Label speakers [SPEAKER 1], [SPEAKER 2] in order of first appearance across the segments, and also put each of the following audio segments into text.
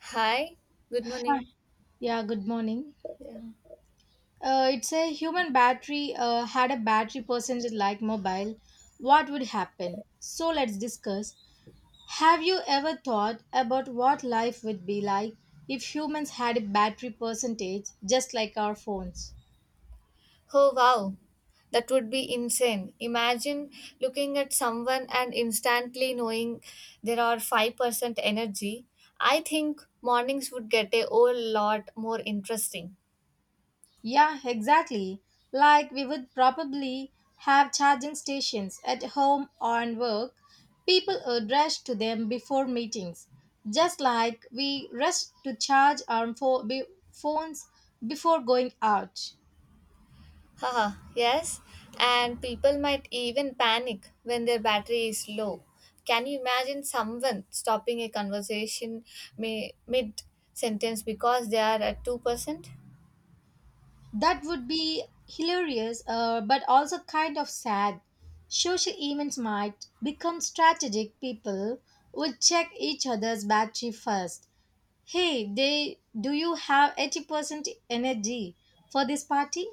[SPEAKER 1] Hi, good
[SPEAKER 2] Hi.
[SPEAKER 1] morning.
[SPEAKER 2] Yeah, good morning.
[SPEAKER 1] Yeah.
[SPEAKER 2] It's a human battery had a battery percentage like mobile. What would happen? So let's discuss. Have you ever thought about what life would be like if humans had a battery percentage just like our phones?
[SPEAKER 1] Oh wow, that would be insane. Imagine looking at someone and instantly knowing there are 5% energy. I think mornings would get a whole lot more interesting.
[SPEAKER 2] Yeah, exactly. Like we would probably have charging stations at home or in work. People would rush to them before meetings, just like we rush to charge our phones before going out.
[SPEAKER 1] Haha, yes, and people might even panic when their battery is low. Can you imagine someone stopping a conversation mid sentence because they are at 2%?
[SPEAKER 2] That would be hilarious, but also kind of sad. Social events might become strategic. People would check each other's battery first. Hey, they do you have 80% energy for this party?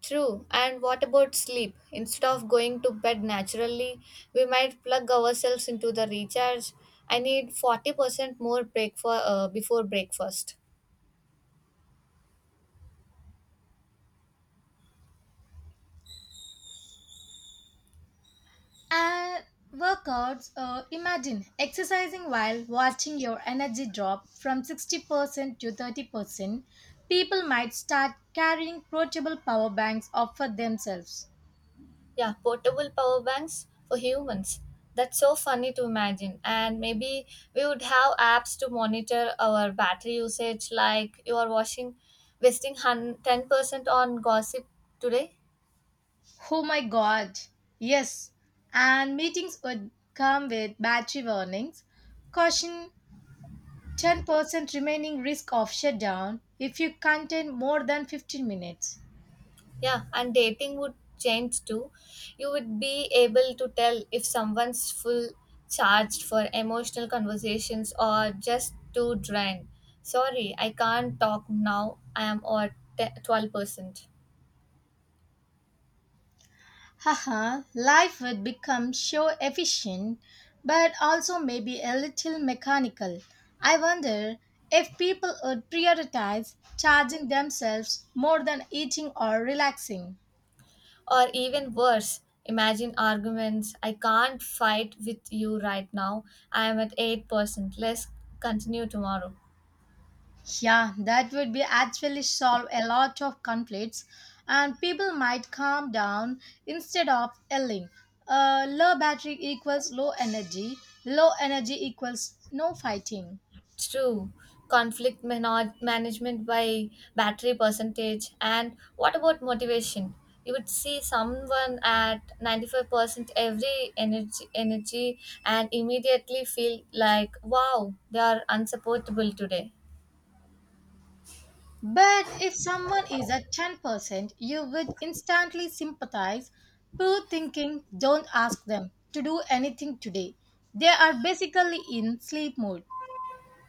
[SPEAKER 1] True. And what about sleep? Instead of going to bed naturally, we might plug ourselves into the recharge. I need 40% more break for, before breakfast.
[SPEAKER 2] And workouts, imagine exercising while watching your energy drop from 60% to 30%. People might start carrying portable power banks up for themselves.
[SPEAKER 1] Yeah, portable power banks for humans. That's so funny to imagine. And maybe we would have apps to monitor our battery usage, like you are washing, 10% on gossip today.
[SPEAKER 2] Oh my god. Yes. And meetings would come with battery warnings. Caution, 10% remaining, risk of shutdown if you contain more than 15 minutes.
[SPEAKER 1] Yeah, and dating would change too. You would be able to tell if someone's full charged for emotional conversations or just too drained. Sorry, I can't talk now. I am at 12%.
[SPEAKER 2] Haha, life would become so efficient, but also maybe a little mechanical. I wonder if people would prioritize charging themselves more than eating or relaxing.
[SPEAKER 1] Or even worse, imagine arguments. I can't fight with you right now. I am at 8%. Let's continue tomorrow.
[SPEAKER 2] Yeah, that would be actually solve a lot of conflicts, and people might calm down instead of yelling. Low battery equals low energy equals no fighting.
[SPEAKER 1] True. Conflict management by battery percentage. And what about motivation? You would see someone at 95% energy and immediately feel like, wow, they are unsupportable today.
[SPEAKER 2] But if someone is at 10%, you would instantly sympathize. Poor thinking, don't ask them to do anything today. They are basically in sleep mode.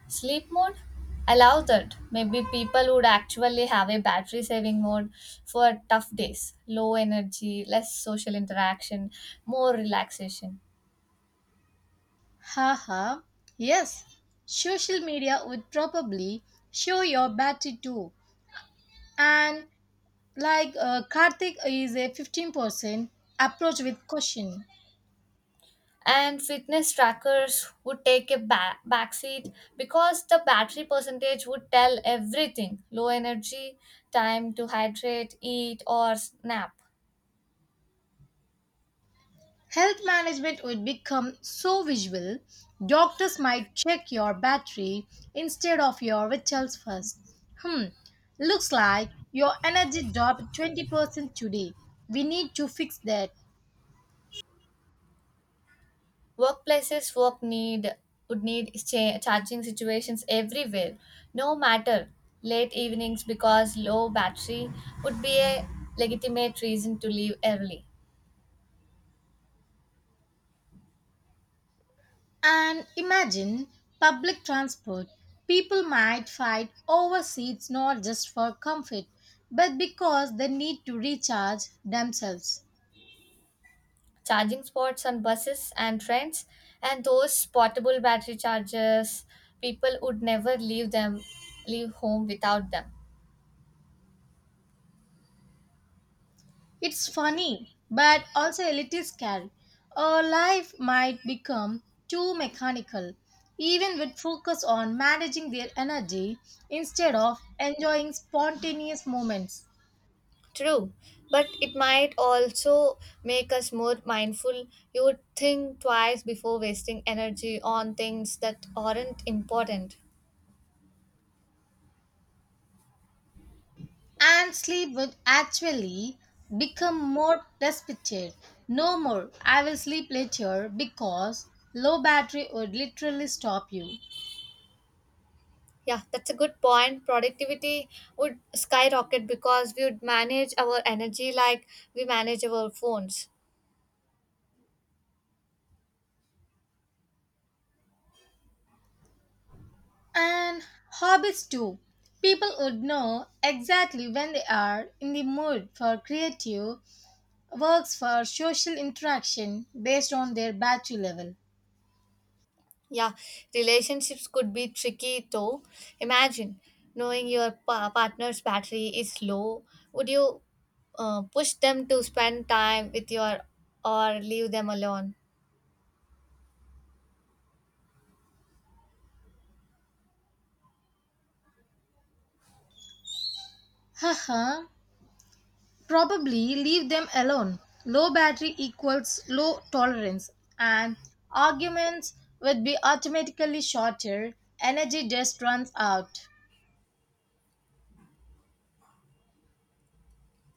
[SPEAKER 1] Sleep mode? Allow that. Maybe people would actually have a battery saving mode for tough days, low energy, less social interaction, more relaxation.
[SPEAKER 2] Haha. Yes, social media would probably show your battery too. And like Karthik is a 15%, approach with caution.
[SPEAKER 1] And fitness trackers would take a backseat because the battery percentage would tell everything, low energy, time to hydrate, eat or nap.
[SPEAKER 2] Health management would become so visual, doctors might check your battery instead of your vitals first. Hmm, looks like your energy dropped 20% today. We need to fix that.
[SPEAKER 1] Workplaces work need would need charging situations everywhere, no matter late evenings, because low battery would be a legitimate reason to leave early.
[SPEAKER 2] And imagine public transport. People might fight over seats not just for comfort, but because they need to recharge themselves.
[SPEAKER 1] Charging spots on buses and trains, and those portable battery chargers, people would never leave them, leave home without them.
[SPEAKER 2] It's funny, but also a little scary. Our life might become too mechanical, even with focus on managing their energy instead of enjoying spontaneous moments.
[SPEAKER 1] True, but it might also make us more mindful. You would think twice before wasting energy on things that aren't important.
[SPEAKER 2] And sleep would actually become more respected. No more, I will sleep later, because low battery would literally stop you.
[SPEAKER 1] Yeah, that's a good point. Productivity would skyrocket because we would manage our energy like we manage our phones.
[SPEAKER 2] And hobbies too. People would know exactly when they are in the mood for creative works for social interaction based on their battery level.
[SPEAKER 1] Yeah, relationships could be tricky though. Imagine knowing your partner's battery is low. Would you push them to spend time with your or leave them alone?
[SPEAKER 2] Haha, probably leave them alone. Low battery equals low tolerance, and arguments would be automatically shorter. Energy just runs out.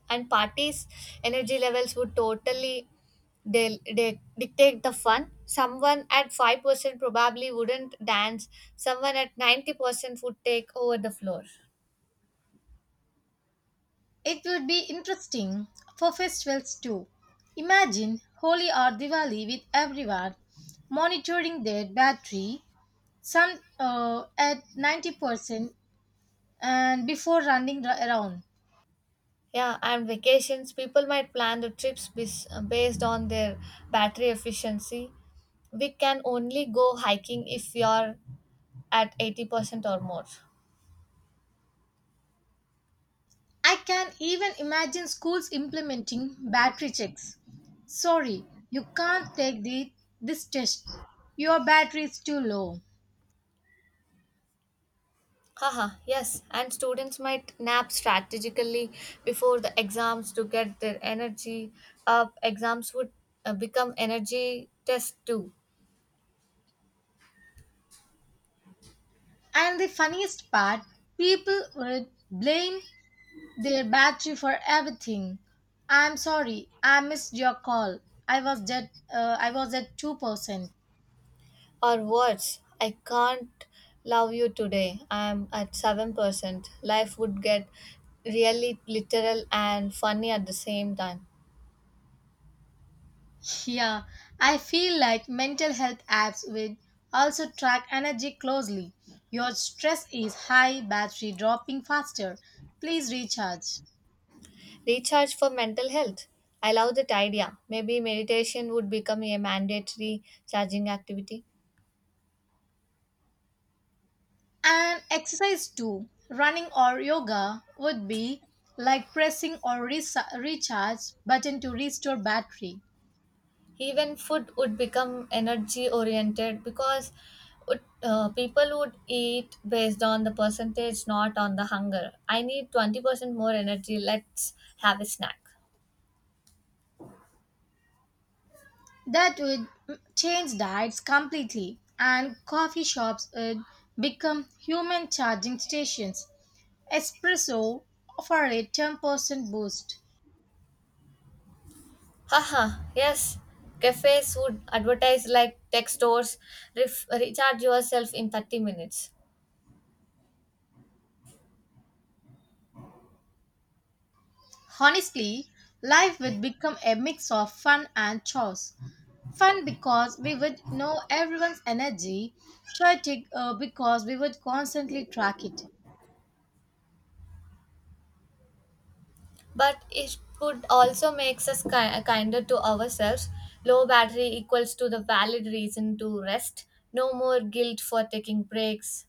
[SPEAKER 1] And parties' energy levels would totally they dictate the fun. Someone at 5% probably wouldn't dance, someone at 90% would take over the floor.
[SPEAKER 2] It will be interesting for festivals too. Imagine Holi or Diwali with everyone monitoring their battery, some at 90% and before around.
[SPEAKER 1] Yeah, and vacations, people might plan the trips based on their battery efficiency. We can only go hiking if we are at 80% or more.
[SPEAKER 2] I can even imagine schools implementing battery checks. Sorry, you can't take this test. Your battery is too low.
[SPEAKER 1] Haha, yes, and students might nap strategically before the exams to get their energy up. Exams would become energy tests too.
[SPEAKER 2] And the funniest part, people would blame, they'll bat you for everything. I'm sorry, I missed your call. I was at 2%.
[SPEAKER 1] Or words, I can't love you today. I am at 7%. Life would get really literal and funny at the same time.
[SPEAKER 2] Yeah, I feel like mental health apps will also track energy closely. Your stress is high, battery dropping faster. Please recharge.
[SPEAKER 1] Recharge for mental health. I love that idea. Maybe meditation would become a mandatory charging activity.
[SPEAKER 2] And exercise too. Running or yoga would be like pressing or recharge button to restore battery.
[SPEAKER 1] Even food would become energy oriented because people would eat based on the percentage, not on the hunger. I need 20% more energy. Let's have a snack.
[SPEAKER 2] That would change diets completely, and coffee shops would become human charging stations. Espresso offer a 10% boost.
[SPEAKER 1] Haha, yes. Cafes would advertise like tech stores, recharge yourself in 30 minutes.
[SPEAKER 2] Honestly, life would become a mix of fun and chores. Fun because we would know everyone's energy, chaotic because we would constantly track it.
[SPEAKER 1] But it could also make us kinder to ourselves. Low battery equals to the valid reason to rest. No more guilt for taking breaks.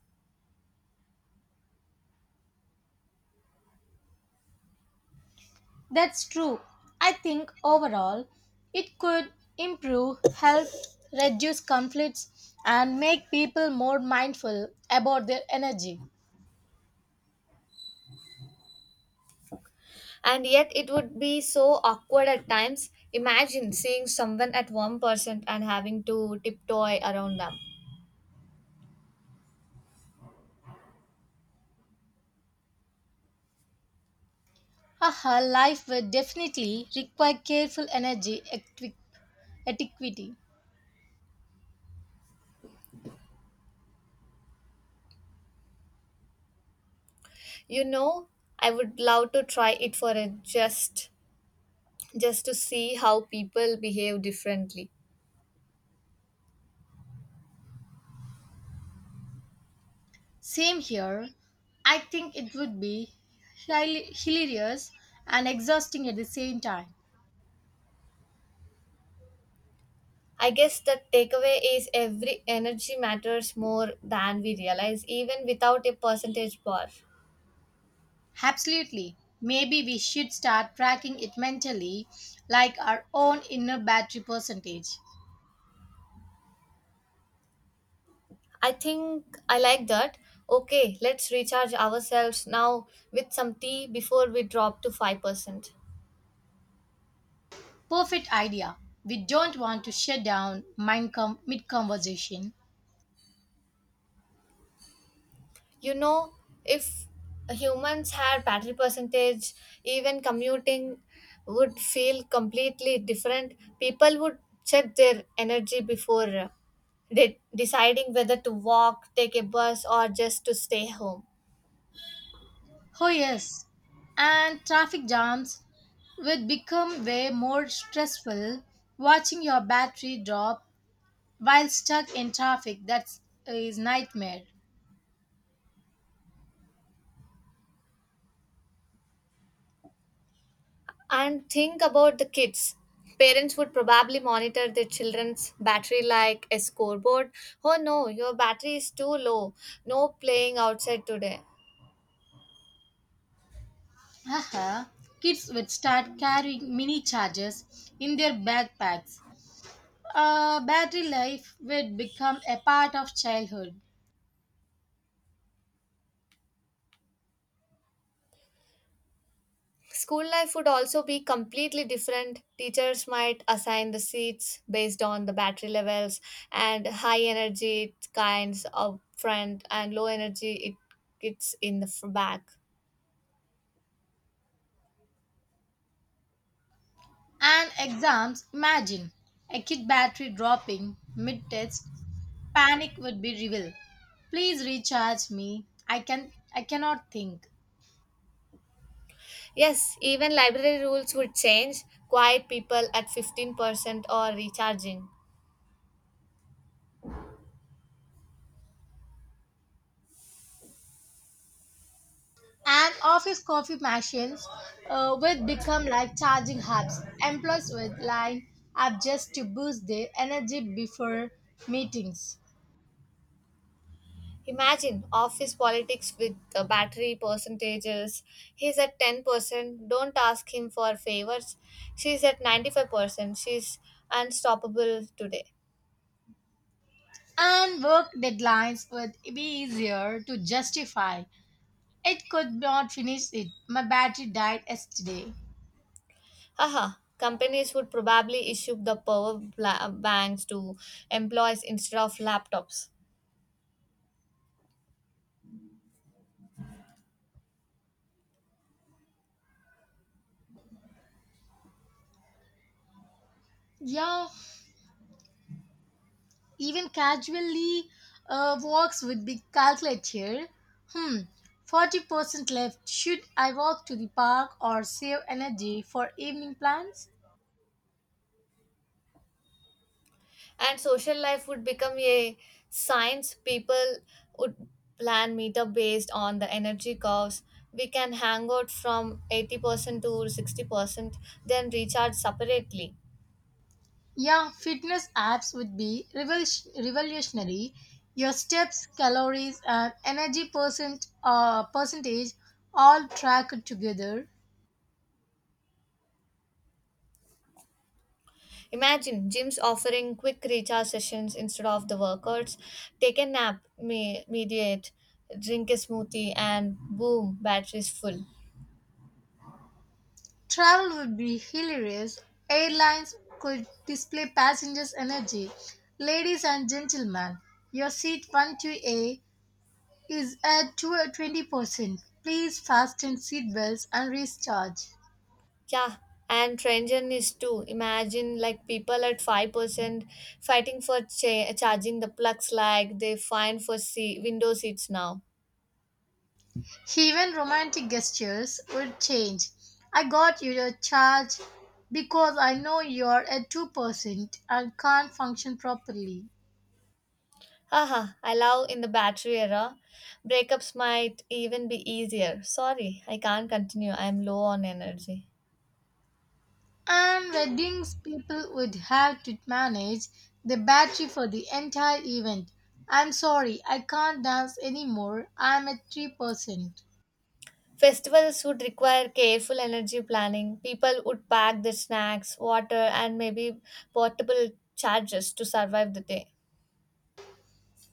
[SPEAKER 2] That's true. I think overall it could improve health, reduce conflicts, and make people more mindful about their energy.
[SPEAKER 1] And yet it would be so awkward at times. Imagine seeing someone at 1% and having to tiptoe around them.
[SPEAKER 2] Haha, life will definitely require careful energy etiquette.
[SPEAKER 1] You know, I would love to try it for a just to see how people behave differently.
[SPEAKER 2] Same here. I think it would be hilarious and exhausting at the same time.
[SPEAKER 1] I guess the takeaway is every energy matters more than we realize, even without a percentage bar.
[SPEAKER 2] Absolutely. Maybe we should start tracking it mentally, like our own inner battery percentage.
[SPEAKER 1] I think I like that. Okay, let's recharge ourselves now with some tea before we drop to 5%.
[SPEAKER 2] Perfect idea. We don't want to shut down mid conversation.
[SPEAKER 1] You know, if humans had battery percentage, even commuting would feel completely different. People would check their energy before deciding whether to walk, take a bus, or just to stay home.
[SPEAKER 2] Oh, yes. And traffic jams would become way more stressful, watching your battery drop while stuck in traffic, that is nightmare.
[SPEAKER 1] And think about the kids, parents would probably monitor their children's battery like a scoreboard. Oh no, your battery is too low, no playing outside today.
[SPEAKER 2] Haha, kids would start carrying mini chargers in their backpacks. Battery life would become a part of childhood.
[SPEAKER 1] School life would also be completely different. Teachers might assign the seats based on the battery levels, and high energy kinds of front and low energy it's in the back.
[SPEAKER 2] And exams, imagine a kid battery dropping mid test, panic would be revealed. Please recharge me. I cannot think.
[SPEAKER 1] Yes, even library rules would change. Quiet people at 15% or recharging.
[SPEAKER 2] And office coffee machines would become like charging hubs. Employees would line up just to boost their energy before meetings.
[SPEAKER 1] Imagine office politics with the battery percentages. He's at 10%. Don't ask him for favors. She's at 95%. She's unstoppable today.
[SPEAKER 2] And work deadlines would be easier to justify. It could not finish it. My battery died yesterday.
[SPEAKER 1] Haha. Companies would probably issue the power banks to employees instead of laptops.
[SPEAKER 2] Yeah, even casually walks would be calculated here. Hmm, 40% left. Should I walk to the park or save energy for evening plans?
[SPEAKER 1] And social life would become a science. People would plan meetup based on the energy curves. We can hang out from 80% to 60%, then recharge separately.
[SPEAKER 2] Yeah, fitness apps would be revolutionary. Your steps, calories, and energy percentage all tracked together.
[SPEAKER 1] Imagine gyms offering quick recharge sessions instead of the workouts. Take a nap, mediate, drink a smoothie, and boom, batteries full.
[SPEAKER 2] Travel would be hilarious. Airlines could display passengers' energy. Ladies and gentlemen, your seat 12 A is at 220%. Please fasten seatbelts and recharge.
[SPEAKER 1] Yeah, and Trenton is too. Imagine like people at 5% fighting for charging the plugs like they find for window seats now.
[SPEAKER 2] Even romantic gestures would change. I got you your charge because I know you're at 2% and can't function properly.
[SPEAKER 1] Haha, I love in the battery era. Breakups might even be easier. Sorry, I can't continue. I'm low on energy.
[SPEAKER 2] And weddings, people would have to manage the battery for the entire event. I'm sorry, I can't dance anymore. I'm at 3%.
[SPEAKER 1] Festivals would require careful energy planning. People would pack their snacks, water, and maybe portable chargers to survive the day.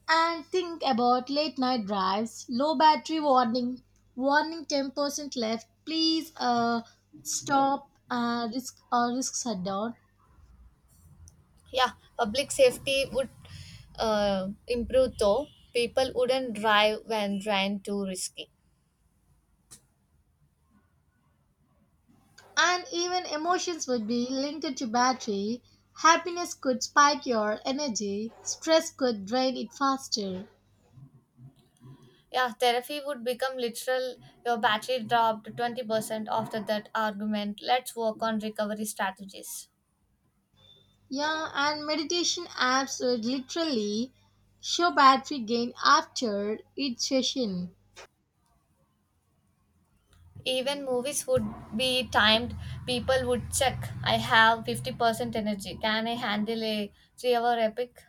[SPEAKER 2] And think about late night drives. Low battery warning, warning, 10% left. Please stop risk or risk shutdown.
[SPEAKER 1] Yeah, public safety would improve though, people wouldn't drive when drained, too risky.
[SPEAKER 2] And even emotions would be linked to battery. Happiness could spike your energy, stress could drain it faster.
[SPEAKER 1] Yeah, therapy would become literal. Your battery dropped 20% after that argument, let's work on recovery strategies.
[SPEAKER 2] Yeah, and meditation apps would literally show battery gain after each session.
[SPEAKER 1] Even movies would be timed. People would check, I have 50% energy, can I handle a 3-hour epic?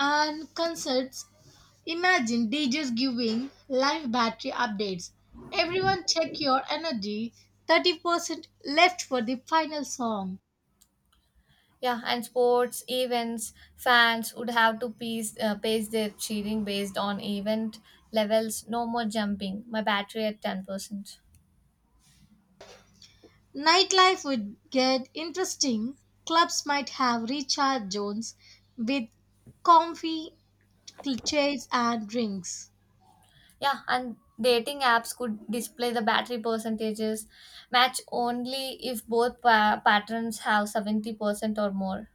[SPEAKER 2] And concerts, imagine DJs giving live battery updates. Everyone check your energy, 30% left for the final song.
[SPEAKER 1] Yeah, and sports events fans would have to pace their cheering based on event levels. No more jumping. My battery at 10%.
[SPEAKER 2] Nightlife would get interesting. Clubs might have recharge zones with comfy chairs and drinks.
[SPEAKER 1] Yeah, and dating apps could display the battery percentages. Match only if both patterns have 70% or more.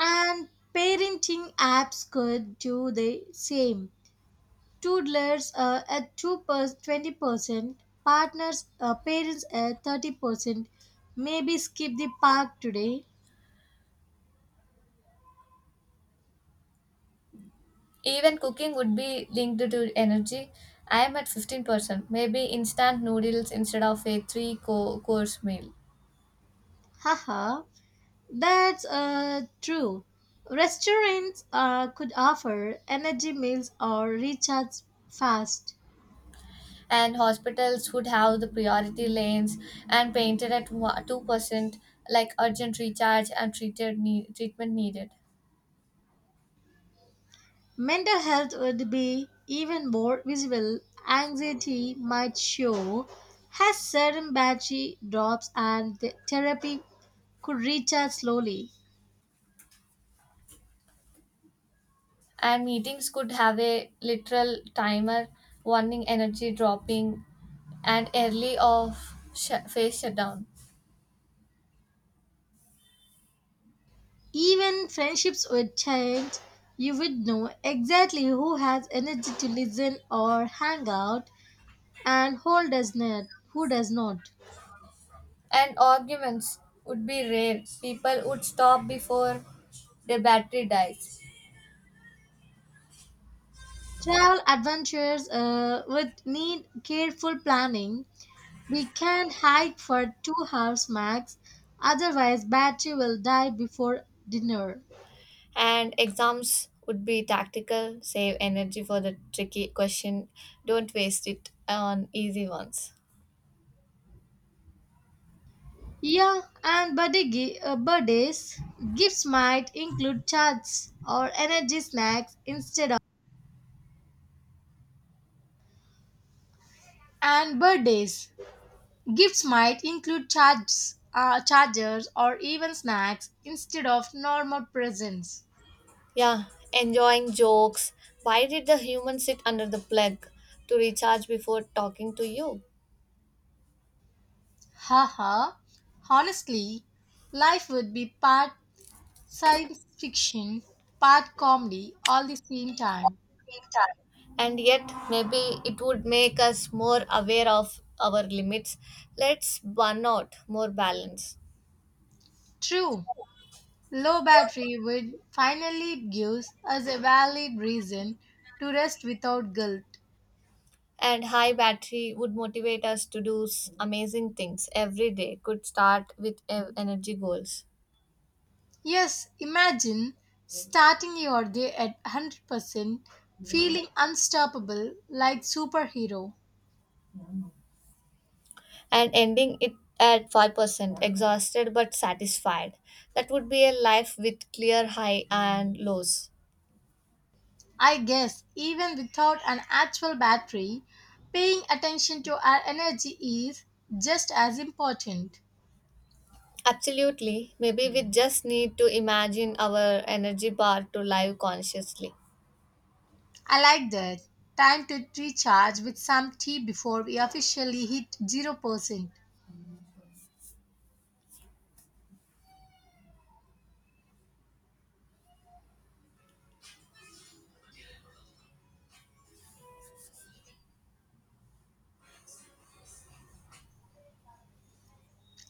[SPEAKER 2] And parenting apps could do the same. Toddlers at 20%, parents at 30%. Maybe skip the park today.
[SPEAKER 1] Even cooking would be linked to energy. I am at 15%. Maybe instant noodles instead of a three course meal.
[SPEAKER 2] Haha. That's true. Restaurants could offer energy meals or recharge fast.
[SPEAKER 1] And hospitals would have the priority lanes and painted at one 2%, like urgent recharge and treatment needed.
[SPEAKER 2] Mental health would be even more visible. Anxiety might show has certain battery drops and the therapy could recharge slowly.
[SPEAKER 1] And meetings could have a literal timer, warning energy dropping and early phase shutdown.
[SPEAKER 2] Even friendships would change. You would know exactly who has energy to listen or hang out and who does not.
[SPEAKER 1] And arguments would be rare, people would stop before their battery dies.
[SPEAKER 2] Travel adventures would need careful planning. We can hike for 2 hours max, otherwise battery will die before dinner.
[SPEAKER 1] And exams would be tactical, save energy for the tricky question, don't waste it on easy ones.
[SPEAKER 2] Yeah, and birthdays gifts might include charts or energy snacks instead of and birthdays gifts might include charts, chargers or even snacks instead of normal presents.
[SPEAKER 1] Yeah, enjoying jokes. Why did the human sit under the plug? To recharge before talking to you.
[SPEAKER 2] Haha. Honestly, life would be part science fiction, part comedy all the same time.
[SPEAKER 1] And yet maybe it would make us more aware of our limits, let's burn out more balance.
[SPEAKER 2] True, low battery would finally gives us a valid reason to rest without guilt.
[SPEAKER 1] And high battery would motivate us to do amazing things. Every day could start with energy goals.
[SPEAKER 2] Yes, imagine starting your day at 100%, feeling unstoppable like superhero.
[SPEAKER 1] And ending it at 5%, exhausted but satisfied. That would be a life with clear high and lows.
[SPEAKER 2] I guess even without an actual battery, paying attention to our energy is just as important.
[SPEAKER 1] Absolutely. Maybe we just need to imagine our energy bar to live consciously.
[SPEAKER 2] I like that. Time to recharge with some tea before we officially hit 0%.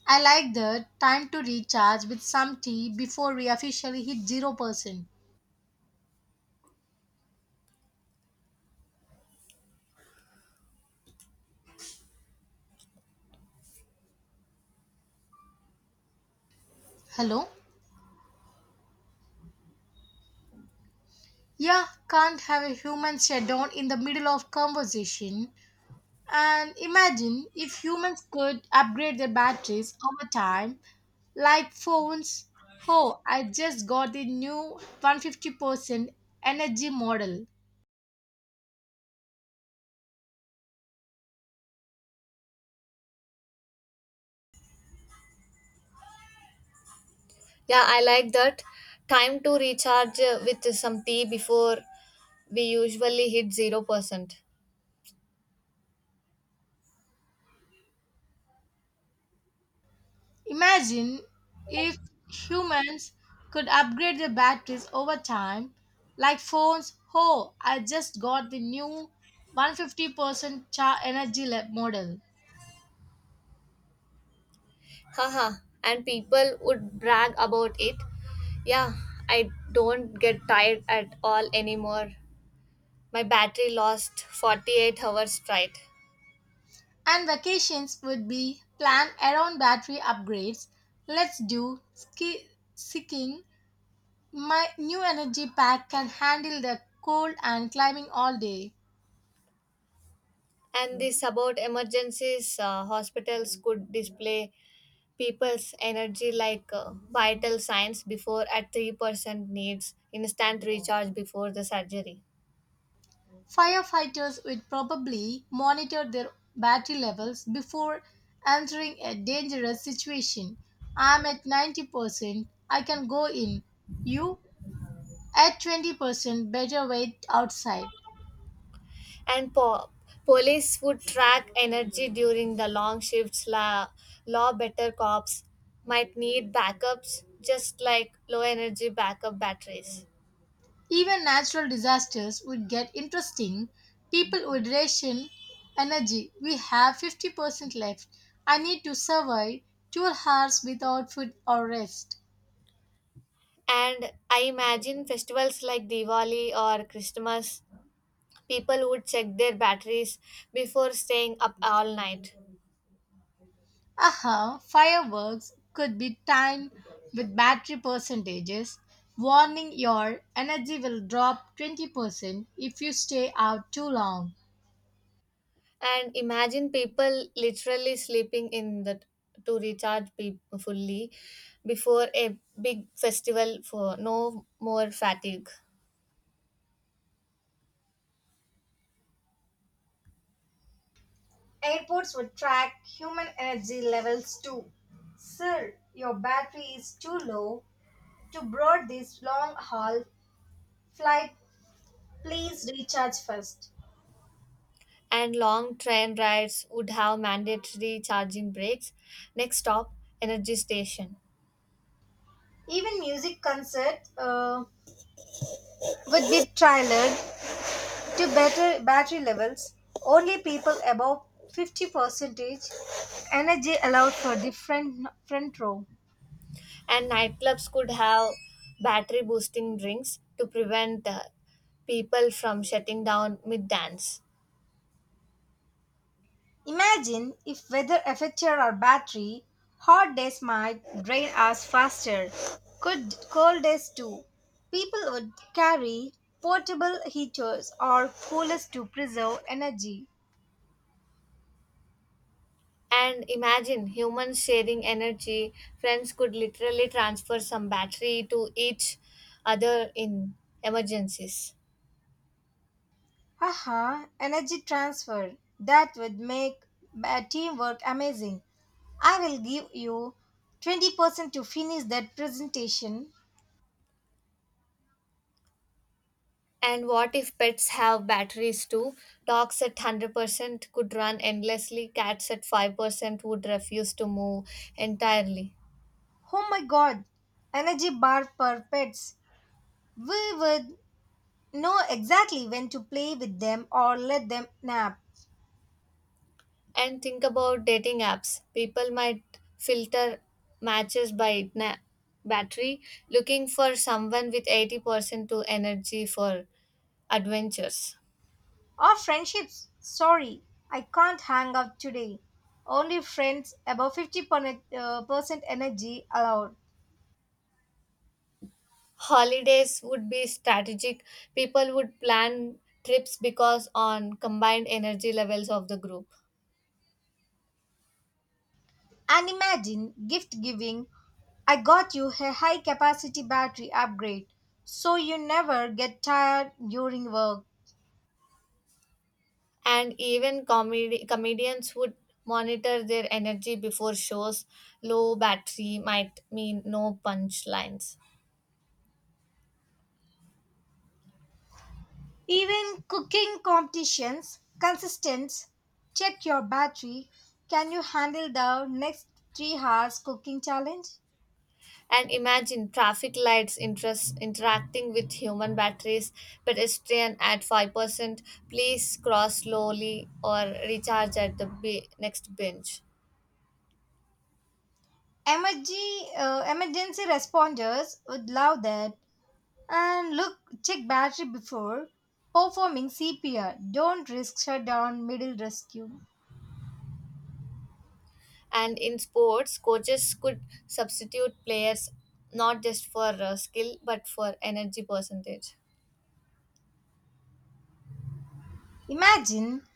[SPEAKER 2] I like that time to recharge with some tea before we officially hit 0%. Hello? Yeah, can't have a human shutdown in the middle of conversation. And imagine if humans could upgrade their batteries over time, like phones. Oh, I just got the new 150% energy model.
[SPEAKER 1] Yeah, I like that. Time to recharge with some tea before we usually hit 0%.
[SPEAKER 2] Imagine if humans could upgrade their batteries over time, like phones. Oh, I just got the new 150% model.
[SPEAKER 1] Haha. And people would brag about it. Yeah, I don't get tired at all anymore. My battery lost 48 hours straight.
[SPEAKER 2] And vacations would be planned around battery upgrades. Let's do skiing. My new energy pack can handle the cold and climbing all day.
[SPEAKER 1] And this about emergencies, hospitals could display people's energy like vital signs before at 3%, needs instant recharge before the surgery.
[SPEAKER 2] Firefighters would probably monitor their battery levels before entering a dangerous situation. I'm at 90%, I can go in. You? At 20%, better wait outside.
[SPEAKER 1] And police would track energy during the long shifts, law better cops might need backups just like low energy backup batteries.
[SPEAKER 2] Even natural disasters would get interesting. People would ration energy. We have 50% left. I need to survive 2 hours without food or rest.
[SPEAKER 1] And I imagine festivals like Diwali or Christmas. People would check their batteries before staying up all night.
[SPEAKER 2] Aha, fireworks could be timed with battery percentages, warning your energy will drop 20% if you stay out too long.
[SPEAKER 1] And imagine people literally sleeping in the to recharge fully before a big festival for no more fatigue.
[SPEAKER 2] Airports would track human energy levels too. Sir, your battery is too low to board this long haul flight. Please recharge first.
[SPEAKER 1] And long train rides would have mandatory charging breaks. Next stop, energy station.
[SPEAKER 2] Even music concert would be trailered to better battery levels, only people above 50 percentage energy allowed for different front row.
[SPEAKER 1] And nightclubs could have battery boosting drinks to prevent people from shutting down mid dance.
[SPEAKER 2] Imagine if weather affected our battery, hot days might drain us faster. Could cold days too. People would carry portable heaters or coolers to preserve energy.
[SPEAKER 1] And imagine humans sharing energy. Friends could literally transfer some battery to each other in emergencies.
[SPEAKER 2] Haha, energy transfer. That would make teamwork amazing. I will give you 20% to finish that presentation.
[SPEAKER 1] And what if pets have batteries too? Dogs at 100% could run endlessly, cats at 5% would refuse to move entirely.
[SPEAKER 2] Oh my god, energy bar per pets. We would know exactly when to play with them or let them nap.
[SPEAKER 1] And think about dating apps. People might filter matches by battery, looking for someone with 80% to energy for adventures.
[SPEAKER 2] Or friendships. Sorry, I can't hang out today. Only friends above 50% percent energy allowed.
[SPEAKER 1] Holidays would be strategic, people would plan trips because on combined energy levels of the group.
[SPEAKER 2] And imagine gifting. I got you a high capacity battery upgrade so you never get tired during work.
[SPEAKER 1] And even comedians would monitor their energy before shows, low battery might mean no punchlines.
[SPEAKER 2] Even cooking competitions, consistence, check your battery, can you handle the next 3 hours cooking challenge?
[SPEAKER 1] And imagine traffic lights interest interacting with human batteries. Pedestrian at 5%, please cross slowly or recharge at the next bench.
[SPEAKER 2] Emergency responders would love that. And look, check battery before performing CPR. Don't risk shutdown middle rescue.
[SPEAKER 1] And in sports, coaches could substitute players not just for skill but for energy percentage.
[SPEAKER 2] Imagine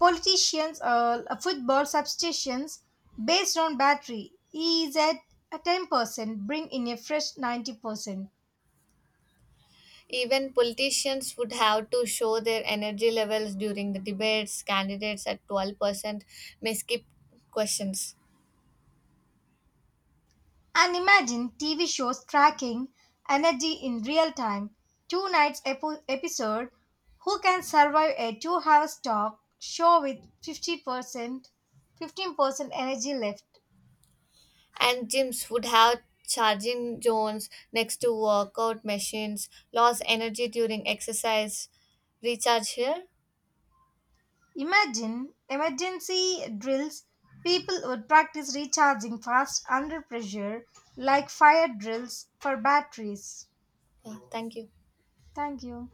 [SPEAKER 2] politicians or football substitutions based on battery. E is at 10%, bring in a fresh 90%.
[SPEAKER 1] Even politicians would have to show their energy levels during the debates. Candidates at 12% may skip questions.
[SPEAKER 2] And imagine TV shows tracking energy in real time. Two nights episode. Who can survive a 2-hour talk show with 50% 15% energy left?
[SPEAKER 1] And gyms would have charging zones next to workout machines, lost energy during exercise. Recharge here.
[SPEAKER 2] Imagine emergency drills, people would practice recharging fast under pressure like fire drills for batteries.
[SPEAKER 1] Yeah, thank you.
[SPEAKER 2] Thank you.